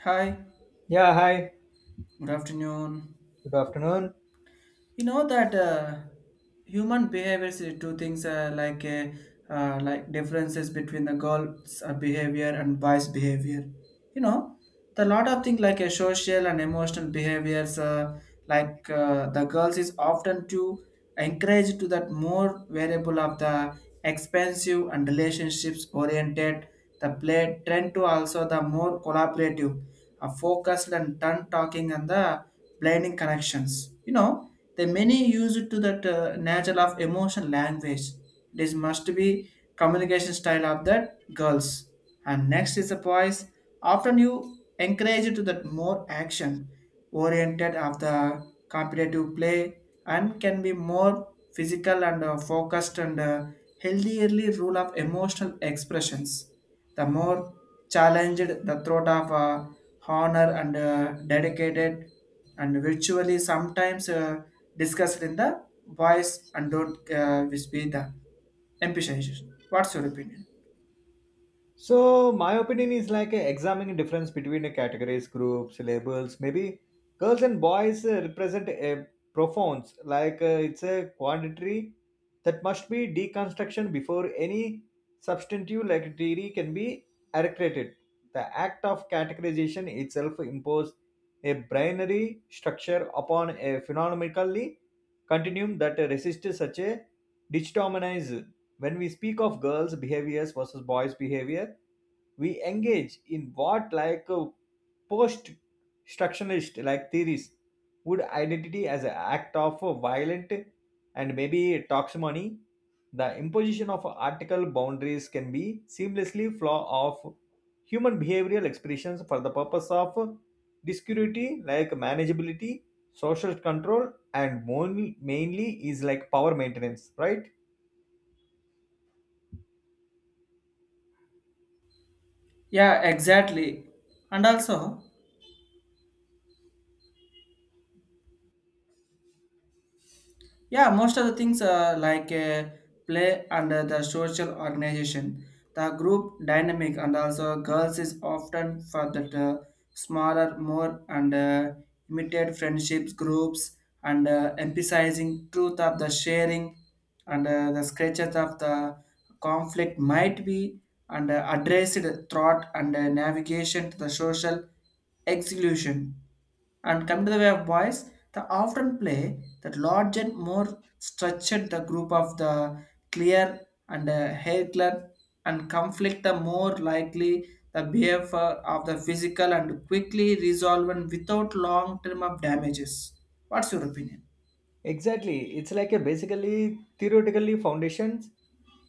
Hi, Yeah, hi. good afternoon. Good afternoon. You know that human behaviors is two things like differences between the girls' behavior and boys' behavior. You know, the lot of things like social and emotional behaviors the girls is often to encourage to that more variable of the expensive and relationships oriented. The play tend to also the more collaborative focused and tongue talking and the blinding connections. You know, the many use it to that nature of emotion language. It is must be communication style of that girls. And next is the boys. Often you encourage it to that more action oriented of the competitive play and can be more physical and focused and healthierly rule of emotional expressions. The more challenged the throat of honor and dedicated and virtually sometimes discussed in the voice and don't which be the emphasization. What's your opinion? So my opinion is like examining difference between the categories, groups, labels. Maybe girls and boys represent a profounds it's a quantity that must be deconstruction before any substantive like theory can be accredited. The act of categorization itself imposes a binary structure upon a phenomenologically continuum that resists such a determinism. When we speak of girls' behaviors versus boys' behavior, we engage in what like post structuralist like theories would identity as an act of a violent and maybe toximony, the imposition of article boundaries can be seamlessly flaw of human behavioral expressions for the purpose of discurity like manageability, social control, and mainly is like power maintenance, right? Yeah, exactly. And also, yeah, most of the things play under the social organization, the group dynamic, and also girls is often for that smaller, more and immediate friendships groups, and emphasizing truth of the sharing, and the sketches of the conflict might be and addressed thought and navigation to the social exclusion and come to the way of boys, the often play that large and more structured the group of the clear and hatred and conflict the more likely the behavior of the physical and quickly resolve and without long term of damages. What's your opinion? Exactly. It's like a basically theoretically foundations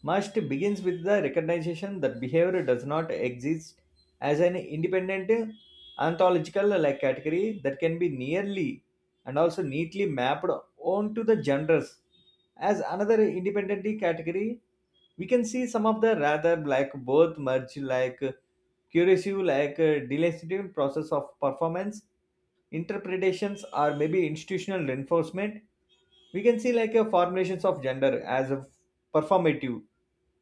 must begins with the recognition that behavior does not exist as an independent ontological like category that can be nearly and also neatly mapped onto the genders. As another independently category, we can see some of the rather like both merge like curious like delective process of performance interpretations or maybe institutional reinforcement. We can see like a formulations of gender as a performative,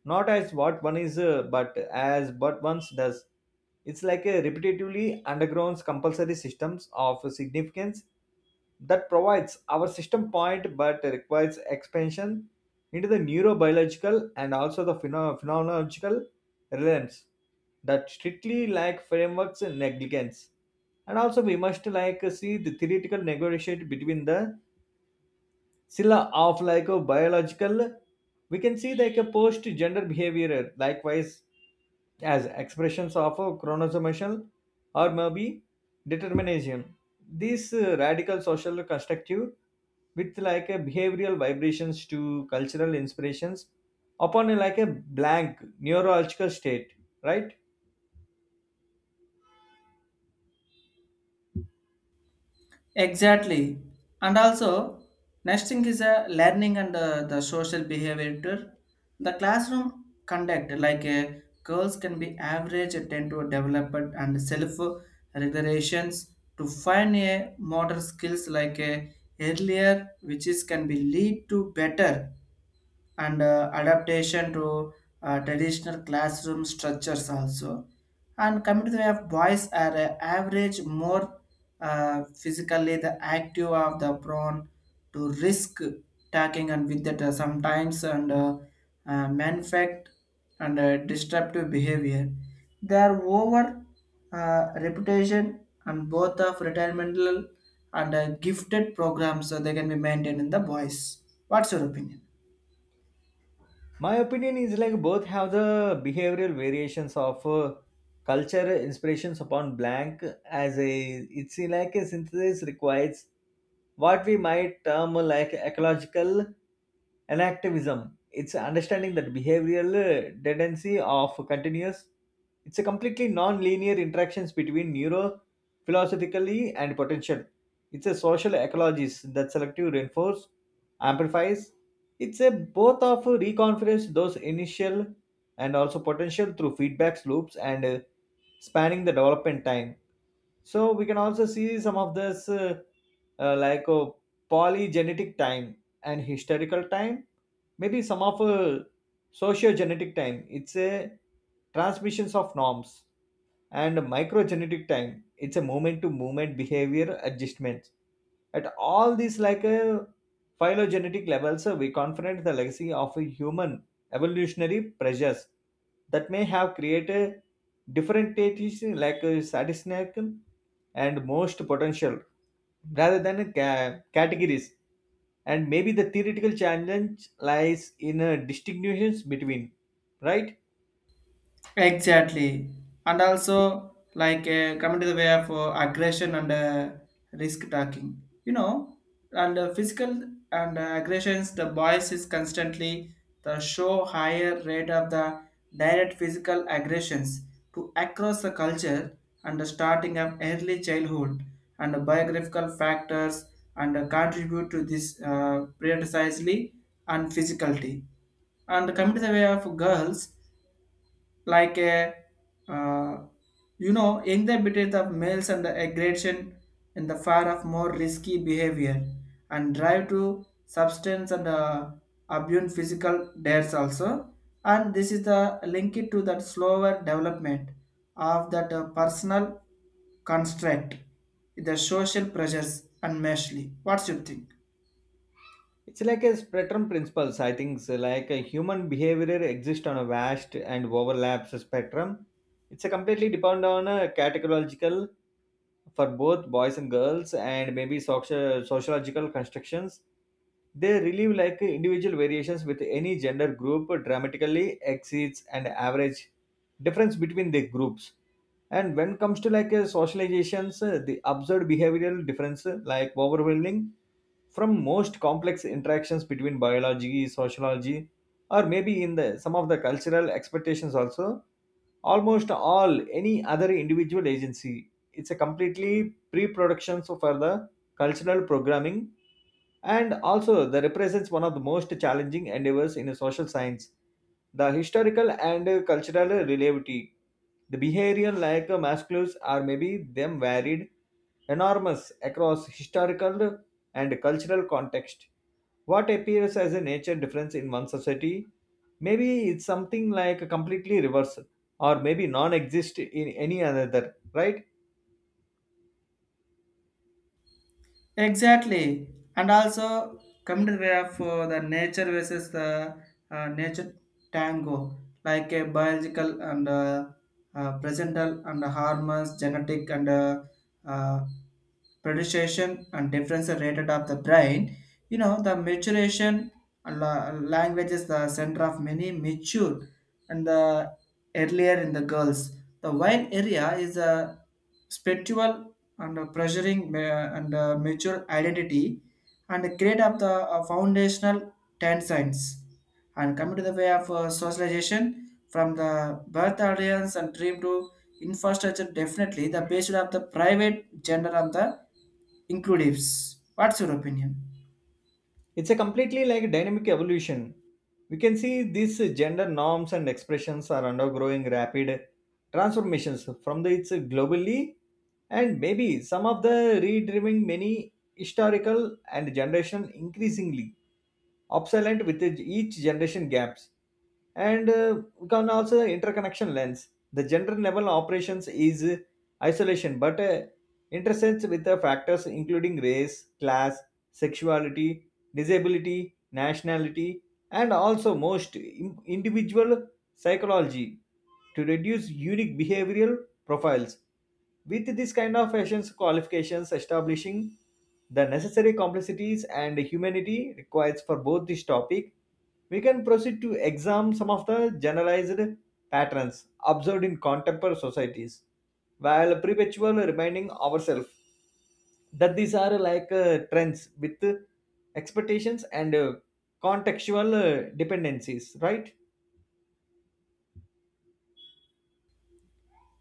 not as what one is but as what one does. It's like a repetitively undergrounds compulsory systems of significance that provides our system point but requires expansion into the neurobiological and also the phenomenological realms that strictly lack frameworks and negligence. And also we must like see the theoretical negotiation between the sila of like a biological, we can see like a post gender behavior likewise as expressions of a chromosomal or maybe determinism. These radical social constructive with like a behavioral vibrations to cultural inspirations upon a like a blank neurological state, right? Exactly. And also, next thing is a learning and the social behavior too. The classroom conduct, like girls can be average, tend to develop it and self regulations to find a motor skills like earlier, which is can be lead to better and adaptation to traditional classroom structures also. And coming to the way of boys are average more physically the active of the prone to risk tagging and with that sometimes and manufactured and disruptive behavior. Their over reputation and both of retirement and gifted programs so they can be maintained in the boys. What's your opinion? My opinion is like both have the behavioral variations of culture inspirations upon blank as a it's like a synthesis requires what we might term like ecological an activism. It's understanding that behavioral tendency of continuous, it's a completely non-linear interactions between neuro philosophically and potential, it's a social ecologies that selective reinforce amplifies. It's a both of reconference those initial and also potential through feedback loops and spanning the development time. So we can also see some of this uh, like uh, polygenetic time and historical time, maybe some of sociogenetic time, it's a transmissions of norms, and microgenetic time, it's a moment to moment behavior adjustments. At all these like a phylogenetic levels we confront the legacy of a human evolutionary pressures that may have created different deities like a satisfaction and most potential rather than a categories. And maybe the theoretical challenge lies in a distinguishes between, right. Exactly. And also, like, coming to the way of aggression and risk taking, you know, and physical and aggressions, the boys is constantly the show higher rate of the direct physical aggressions to across the culture and the starting of early childhood and the biographical factors and contribute to this precisely and physicality and coming to the way of girls like a uh, you know in the between the males and the aggression in the far of more risky behavior and drive to substance and abuse physical dares also, and this is the link it to that slower development of that personal construct, the social pressures and meshly. What's your think? It's like a spectrum principles, I think. So like a human behavior exists on a vast and overlaps spectrum. It's a completely depend on a categorical for both boys and girls and maybe sociological constructions, they relieve like individual variations with any gender group dramatically exceeds an average difference between the groups. And when it comes to like socializations, the observed behavioral difference like overwhelming from most complex interactions between biology, sociology, or maybe in the some of the cultural expectations also, almost all any other individual agency, it's a completely pre-production so for the cultural programming. And also the represents one of the most challenging endeavors in a social science, the historical and cultural relativity, the behavior like masculines are maybe them varied enormous across historical and cultural context. What appears as a nature difference in one society maybe it's something like a completely reversal or maybe non-exist in any other, right. Exactly, and also come to the way of the nature versus the nature tango, like a biological and presental and hormones, genetic and uh, predisposition and differential rated of the brain. You know, the maturation and language is the center of many mature and the earlier in the girls. The wine area is a spiritual and a pressuring and a mature identity and the create of the foundational tensines and coming to the way of socialization from the birth audience and dream to infrastructure definitely the basis of the private gender and the inclusives. What's your opinion? It's a completely like a dynamic evolution. We can see these gender norms and expressions are undergoing rapid transformations from the it's globally, and maybe some of the redriving many historical and generation increasingly obsolete with each generation gaps. And we can also interconnection lens the gender level operations is isolation but intersects with the factors including race, class, sexuality, disability, nationality, and also most individual psychology to reduce unique behavioral profiles. With this kind of fashion qualifications, establishing the necessary complexities and humanity required for both this topic, we can proceed to examine some of the generalized patterns observed in contemporary societies, while perpetually reminding ourselves that these are like trends with expectations and contextual dependencies, right?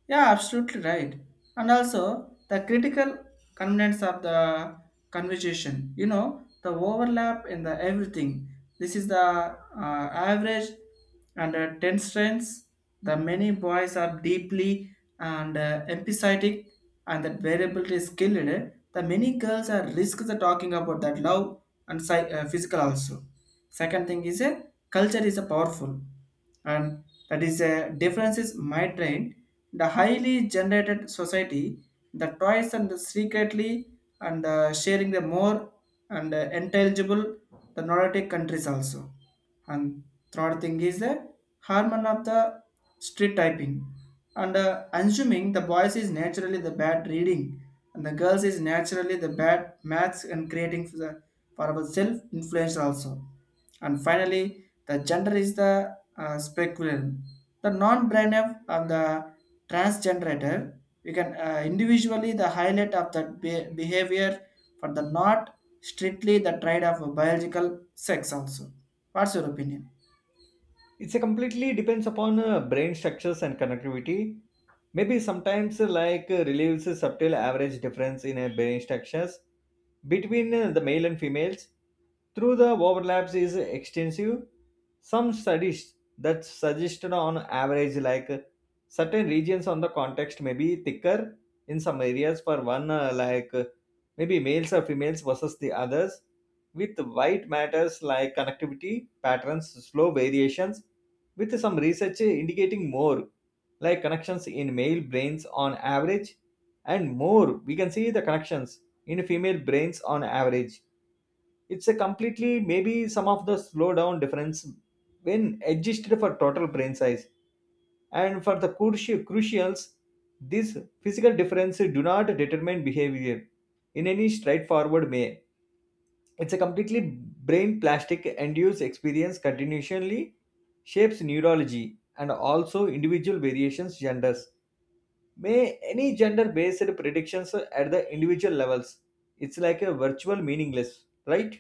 Yeah, absolutely right. And also the critical components of the conversation. You know the overlap in the everything. This is the average and ten strengths. The many boys are deeply and empathetic, and that variability is skilled. The many girls are risk the talking about that love and physical also. Second thing is a culture is a powerful and that is a differences might drain the highly generated society, the toys and secretly and sharing the more and intelligible the nordic countries also, and third thing is the hormone of the street typing and assuming the boys is naturally the bad reading and the girls is naturally the bad maths and creating for the for our self influence also, and finally the gender is the speculum the non-brain of the transgenerator, we can individually the highlight of that behavior for the not strictly the trade of biological sex also. What's your opinion? It's a completely depends upon brain structures and connectivity. Maybe sometimes relieves a subtle average difference in brain structures between the male and females through the overlaps is extensive. Some studies that suggested on average like certain regions on the context may be thicker in some areas for one maybe males or females versus the others, with white matters like connectivity patterns slow variations, with some research indicating more like connections in male brains on average, and more we can see the connections in female brains on average. It's a completely maybe some of the slowdown difference when adjusted for total brain size, and for the crucials, these physical differences do not determine behavior in any straightforward way. It's a completely brain plastic induced experience continually shapes neurology and also individual variations genders. May any gender based predictions at the individual levels. It's like a virtual meaningless, right?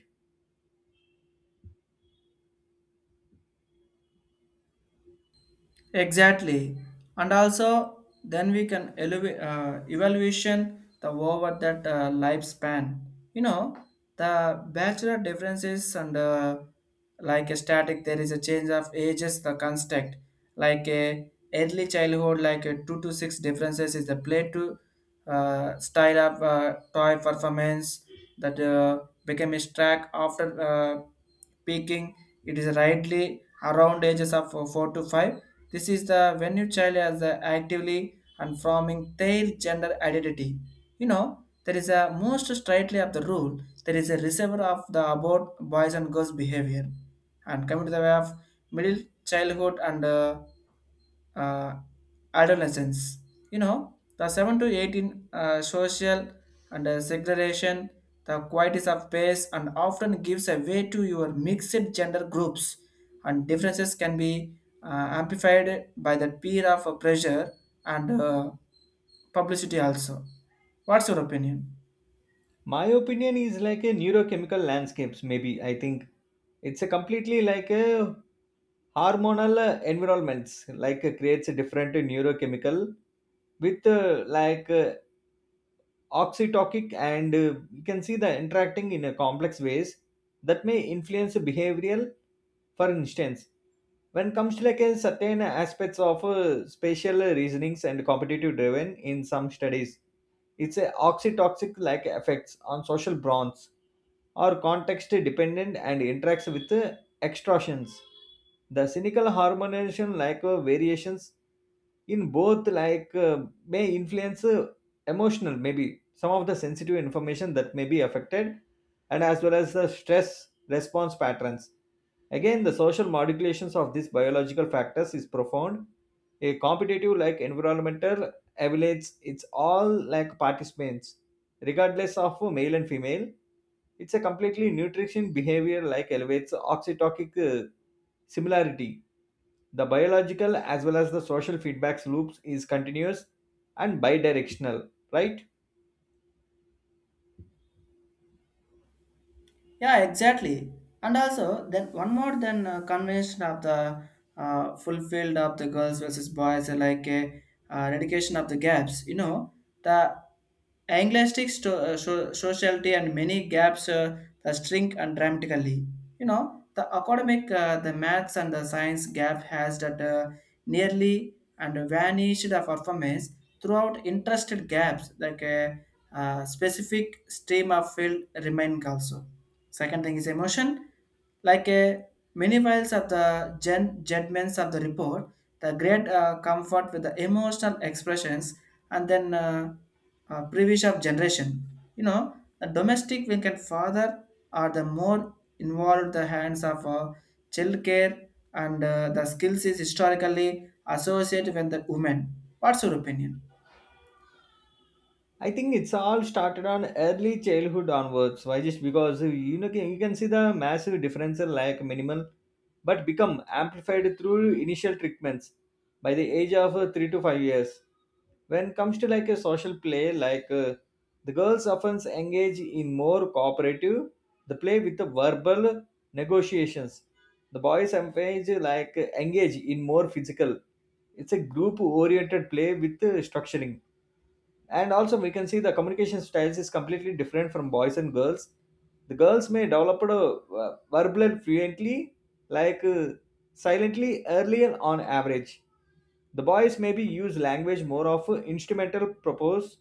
Exactly. And also, then we can evaluation the over that lifespan. You know, the bachelor differences and like a static, there is a change of ages, the construct. Like a early childhood, like a two to six differences is the play to style of toy performance that became a track after peaking. It is rightly around ages of four to five, this is the when your child is actively and forming their gender identity. You know, there is a most strictly of the rule, there is a receiver of the about boys and girls behavior. And coming to the way of middle childhood and uh, adolescence. You know, the 7 to 18 social and segregation, the qualities of space, and often gives a way to your mixed gender groups, and differences can be amplified by the peer of pressure and publicity also. What's your opinion? My opinion is like a neurochemical landscapes, maybe I think. It's a completely like a hormonal environments, like creates a different neurochemical with oxytotic and you can see the interacting in a complex ways that may influence behavioral. For instance, when comes to like a certain aspects of spatial reasonings and competitive driven in some studies, it's a oxytoxic like effects on social bonds or context dependent and interacts with extortions. The cynical harmonization like variations in both like may influence emotional, maybe some of the sensitive information that may be affected, and as well as the stress response patterns. Again, the social modulations of these biological factors is profound. A competitive like environmental evaluates it's all like participants regardless of male and female. It's a completely nutrition behavior like elevates oxytotic similarity. The biological as well as the social feedbacks loops is continuous and bidirectional, right? Yeah, exactly. And also, then one more than convention of the fulfilled of the girls versus boys, like a dedication of the gaps. You know, the sociality and many gaps the shrink and dramatically. You know, the academic, the maths and the science gap has that nearly and vanished the performance throughout interested gaps like a specific stream of field remain also. Second thing is emotion, like a many files of the judgments of the report, the great comfort with the emotional expressions, and then previous of generation. You know, the domestic we can father are the more involved the hands of child care and the skills is historically associated with the women. What's your opinion? I think it's all started on early childhood onwards. Why? Just because, you know, you can see the massive difference in like minimal, but become amplified through initial treatments by the age of 3 to 5 years. When it comes to like a social play, like the girls often engage in more cooperative, the play with the verbal negotiations. The boys engage in more physical. It's a group oriented play with structuring. And also we can see the communication styles is completely different from boys and girls. The girls may develop a verbal and fluently like uh, silently earlier on average. The boys maybe use language more of instrumental propose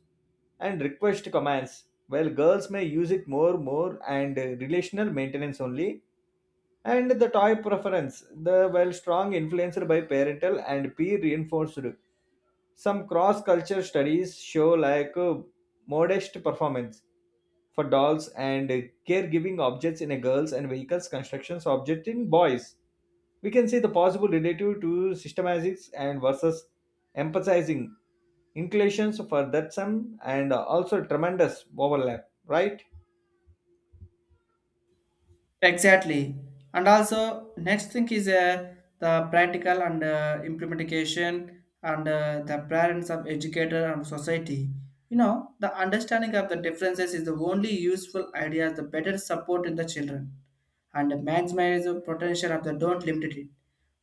and request commands, while girls may use it more and relational maintenance only. And the toy preference the well strong influenced by parental and peer reinforced. Some cross-culture studies show like modest performance for dolls and caregiving objects in a girls and vehicles constructions object in boys. We can see the possible relative to systematics and versus emphasizing inclinations for that sum and also tremendous overlap, right? Exactly. And also, next thing is the practical and implementation and the parents of educator and society. You know, the understanding of the differences is the only useful idea, the better support in the children and maximize the potential of the don't limit it.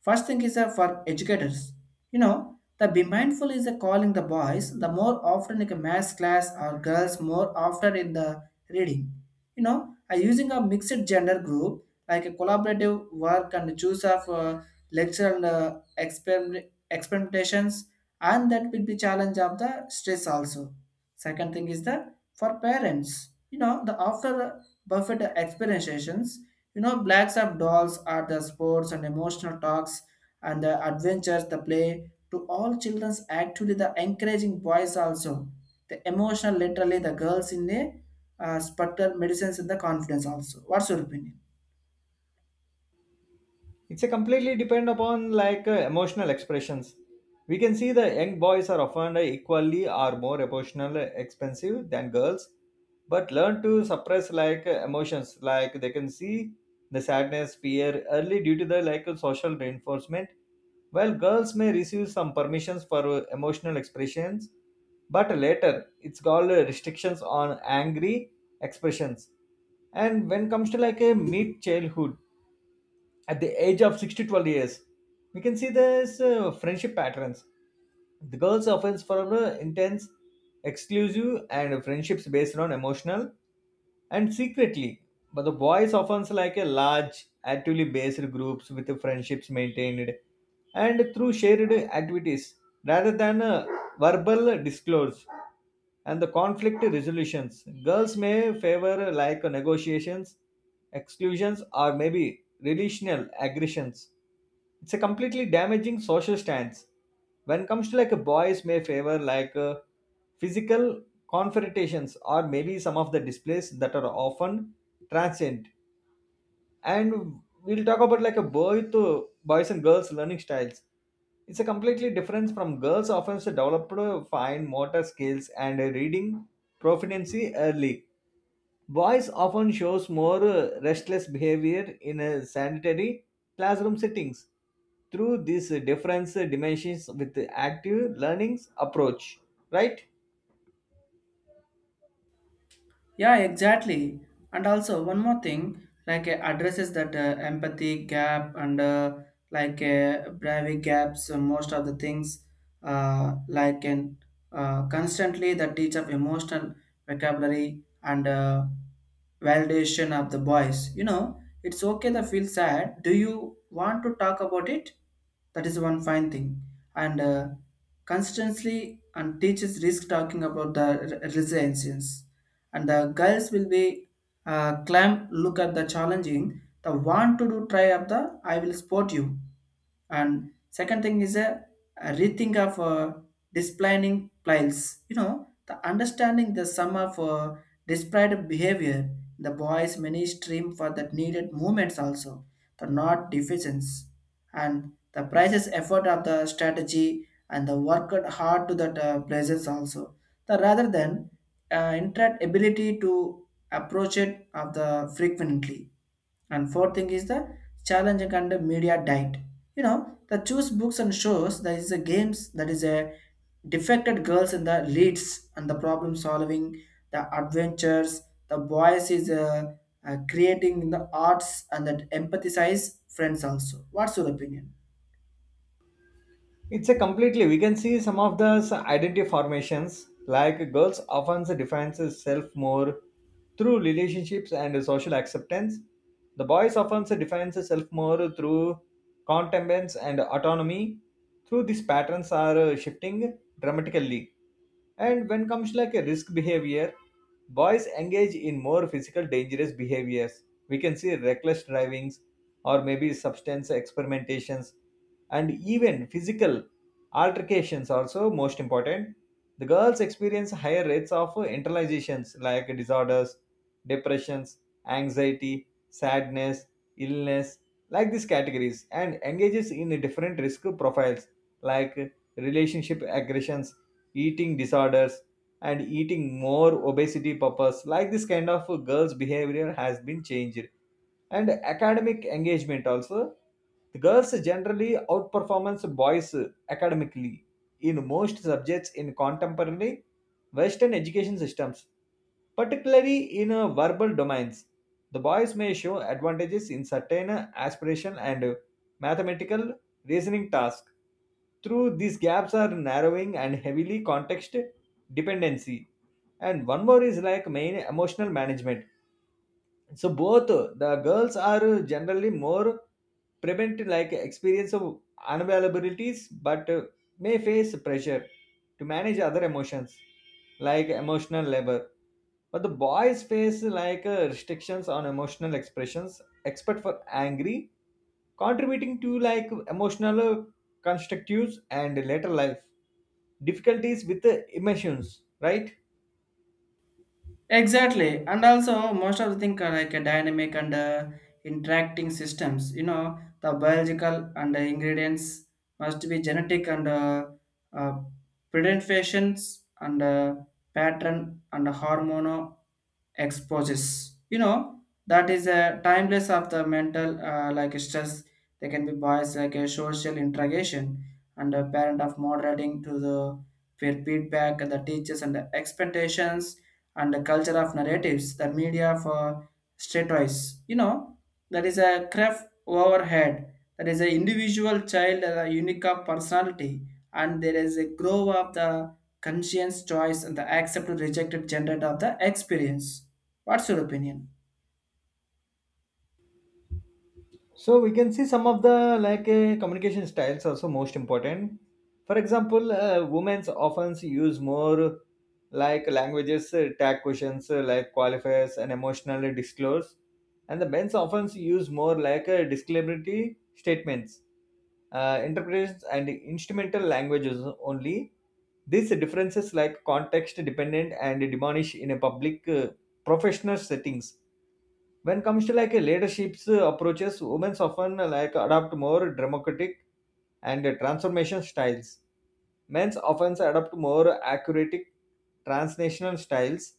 First thing is for educators. You know, the be mindful is calling the boys the more often in a math class or girls more often in the reading. You know, I using a mixed gender group like a collaborative work and choose of lecture and experimentations, and that will be challenge of the stress also. Second thing is the for parents, you know, the after Buffett experimentations, you know, blacks of dolls are the sports and emotional talks and the adventures the play to all children's actually the encouraging boys also the emotional literally the girls in the spectral medicines in the confidence also. What's your opinion? It's a completely depend upon like emotional expressions. We can see the young boys are often equally or more emotional expensive than girls, but learn to suppress like emotions like they can see the sadness fear early due to the like social reinforcement, while girls may receive some permissions for emotional expressions, but later it's called restrictions on angry expressions. And when comes to like a mid childhood at the age of 6 to 12 years, we can see this friendship patterns. The girls often form intense, exclusive and friendships based on emotional and secretly, but the boys often like a large actively based groups with the friendships maintained and through shared activities rather than verbal disclose. And the conflict resolutions. Girls may favor like negotiations, exclusions, or maybe relational aggressions. It's a completely damaging social stance. When it comes to like a boys may favor like physical confrontations or maybe some of the displays that are often transient. And we'll talk about like a boy to boys and girls learning styles, it's a completely different from girls often develop fine motor skills and a reading proficiency early. Boys often shows more restless behavior in a sanitary classroom settings through these different dimensions with the active learnings approach, right. Yeah, exactly. And also one more thing, like addresses that empathy gap and bravery gaps. Most of the things like in constantly the teach of emotional vocabulary and validation of the boys. You know, it's okay to feel sad. Do you want to talk about it? That is one fine thing. And constantly and teaches risk talking about the resilience, and the girls will be climb look at the challenging, the want to do try up, the I will support you, and second thing is a rethink of displaying pliles, you know, the understanding the sum of displayed behavior, the boys many stream for that needed movements also, the not deficiencies and the prices effort of the strategy and the work hard to that presence also, the rather than internet ability to approach it of the frequently, and fourth thing is the challenging and the media diet. You know, the choose books and shows that is a games that is a defected girls in the leads and the problem solving, the adventures, the boys is creating the arts and that empathize friends also. What's your opinion? It's a completely we can see some of the identity formations like girls often defines self more through relationships and social acceptance. The boys often defines self more through contentments and autonomy. Through these patterns are shifting dramatically. And when comes like a risk behavior, boys engage in more physical dangerous behaviors. We can see reckless drivings or maybe substance experimentations and even physical altercations also most important. The girls experience higher rates of internalizations like disorders, depressions, anxiety, sadness, illness, like these categories and engages in different risk profiles like relationship aggressions, eating disorders, and eating more obesity purpose, like this kind of girls behavior has been changed. And academic engagement also, the girls generally outperformance boys academically in most subjects in contemporary western education systems. Particularly in verbal domains, the boys may show advantages in certain aspiration and mathematical reasoning tasks. Through these gaps are narrowing and heavily context dependency. And one more is like main emotional management. So both the girls are generally more prevent like experience of unavailabilities, but may face pressure to manage other emotions, like emotional labor, but the boys face like restrictions on emotional expressions expert for angry, contributing to like emotional constructives and later life difficulties with the emotions, right? Exactly, and also most of the things are like a dynamic and interacting systems. You know, the biological and the ingredients must be genetic and uh, presentations and pattern and hormonal exposes. You know, that is a timeless of the mental like stress. They can be biased like a social interrogation and a parent of moderating to the peer feedback and the teachers and the expectations and the culture of narratives, the media for stratois. You know, that is a craft overhead. That is an individual child, a unique of personality, and there is a grow of the conscience choice and the accept or rejected gendered of the experience. What's your opinion? So we can see some of the like communication styles also most important. For example, women often use more like languages, tag questions, like qualifiers and emotional disclose, and the men's often use more like disclaimatory statements, interpretations, and instrumental languages only. These differences like context dependent and diminish in a public professional settings. When it comes to like a leadership's approaches, women often like adopt more democratic and transformation styles. Men's often adopt more accurate transnational styles,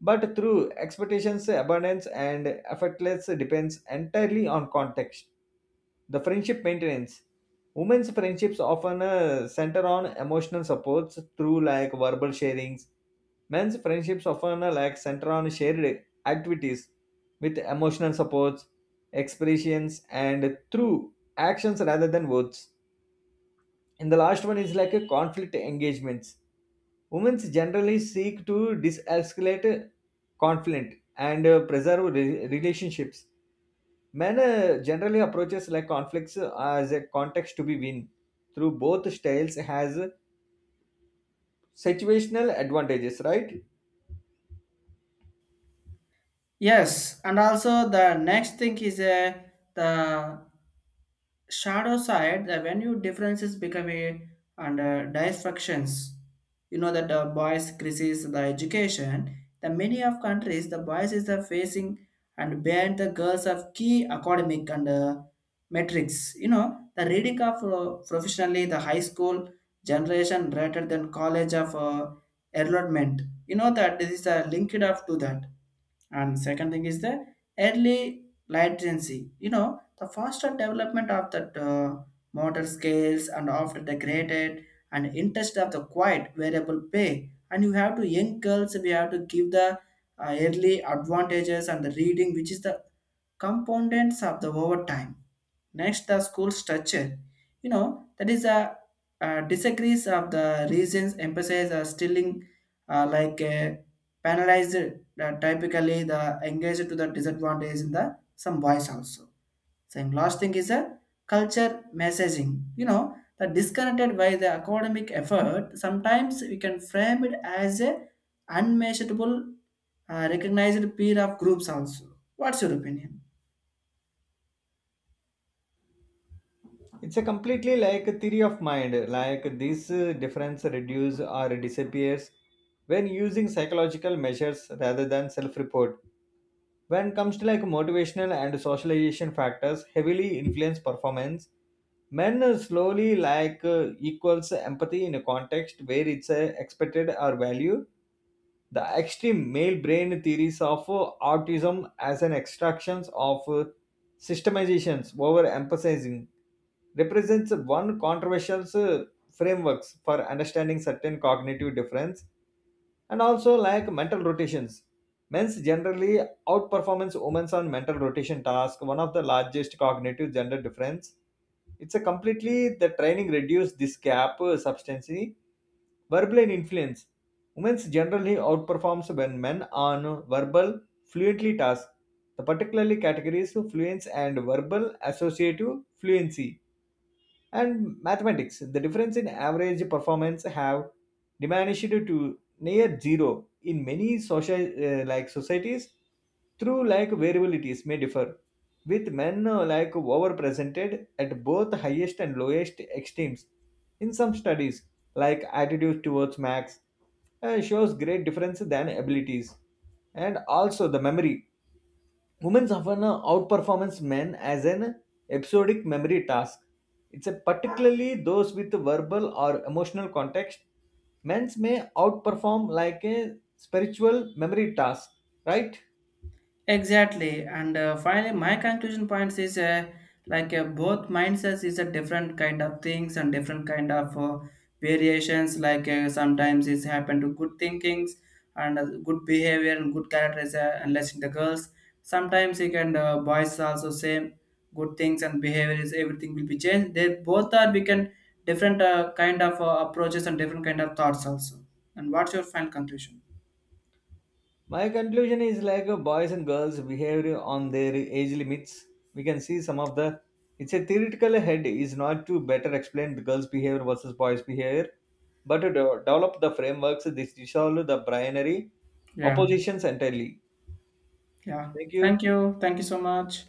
but through expectations, abundance, and effortless depends entirely on context. The friendship maintenance. Women's friendships often center on emotional supports through like verbal sharings. Men's friendships often like center on shared activities with emotional supports, expressions, and through actions rather than words. And the last one is like a conflict engagements. Women generally seek to de-escalate conflict and preserve relationships. Men generally approaches like conflicts as a context to be win through both styles has situational advantages, right? Yes, and also the next thing is the shadow side the venue differences become a and dysfunctions. You know that the boys crisis the education, the many of countries the boys is the facing and behind the girls of key academic and metrics. You know the reading of professionally the high school generation rather than college of enrollment. You know that this is a linked up to that, and second thing is the early latency. You know, the faster development of the motor scales and after the graded and interest of the quiet variable pay. And you have to young girls, we have to give the early advantages and the reading, which is the components of the overtime. Next, the school structure. You know, that is a, disagrees of the reasons emphasize are stilling like a penalized typically the engaged to the disadvantage in the some boys also. Same last thing is a culture messaging. You know, the disconnected by the academic effort, sometimes we can frame it as a unmeasurable recognized peer of groups also. What's your opinion? It's a completely like a theory of mind, like this difference reduce or disappears when using psychological measures rather than self-report. When comes to like motivational and socialization factors heavily influence performance, men slowly like equals empathy in a context where it's expected or valued. The extreme male brain theories of autism as an extraction of systemizations over emphasizing represents one controversial frameworks for understanding certain cognitive difference. And also like mental rotations. Men's generally outperformance women's on mental rotation task, one of the largest cognitive gender difference. It's a completely the training reduced this gap substantially. Verbal influence. Women generally outperforms when men on verbal fluently tasks. The particularly categories of fluence and verbal associative fluency. And mathematics, the difference in average performance have diminished to near zero in many social like societies through like variabilities may differ with men like overrepresented at both highest and lowest extremes in some studies. Like attitude towards max shows great difference than abilities. And also the memory. Women often outperformance men as an episodic memory task. It's a particularly those with verbal or emotional context. Men's may outperform like a spiritual memory task, right? Exactly, and finally, my conclusion points is both mindsets is a different kind of things and different kind of variations. Like sometimes it's happen to good thinkings and good behavior and good characters, unless in the girls. Sometimes you can boys also same good things and behavior is everything will be changed. They both are we can different kind of approaches and different kind of thoughts also. And what's your final conclusion? My conclusion is like boys and girls behavior on their age limits. We can see some of the. It's a theoretical head is not to better explain the girls' behavior versus boys' behavior, but to develop the frameworks that dissolve the binary Yeah, oppositions entirely. yeah. Thank you. Thank you. Thank you so much.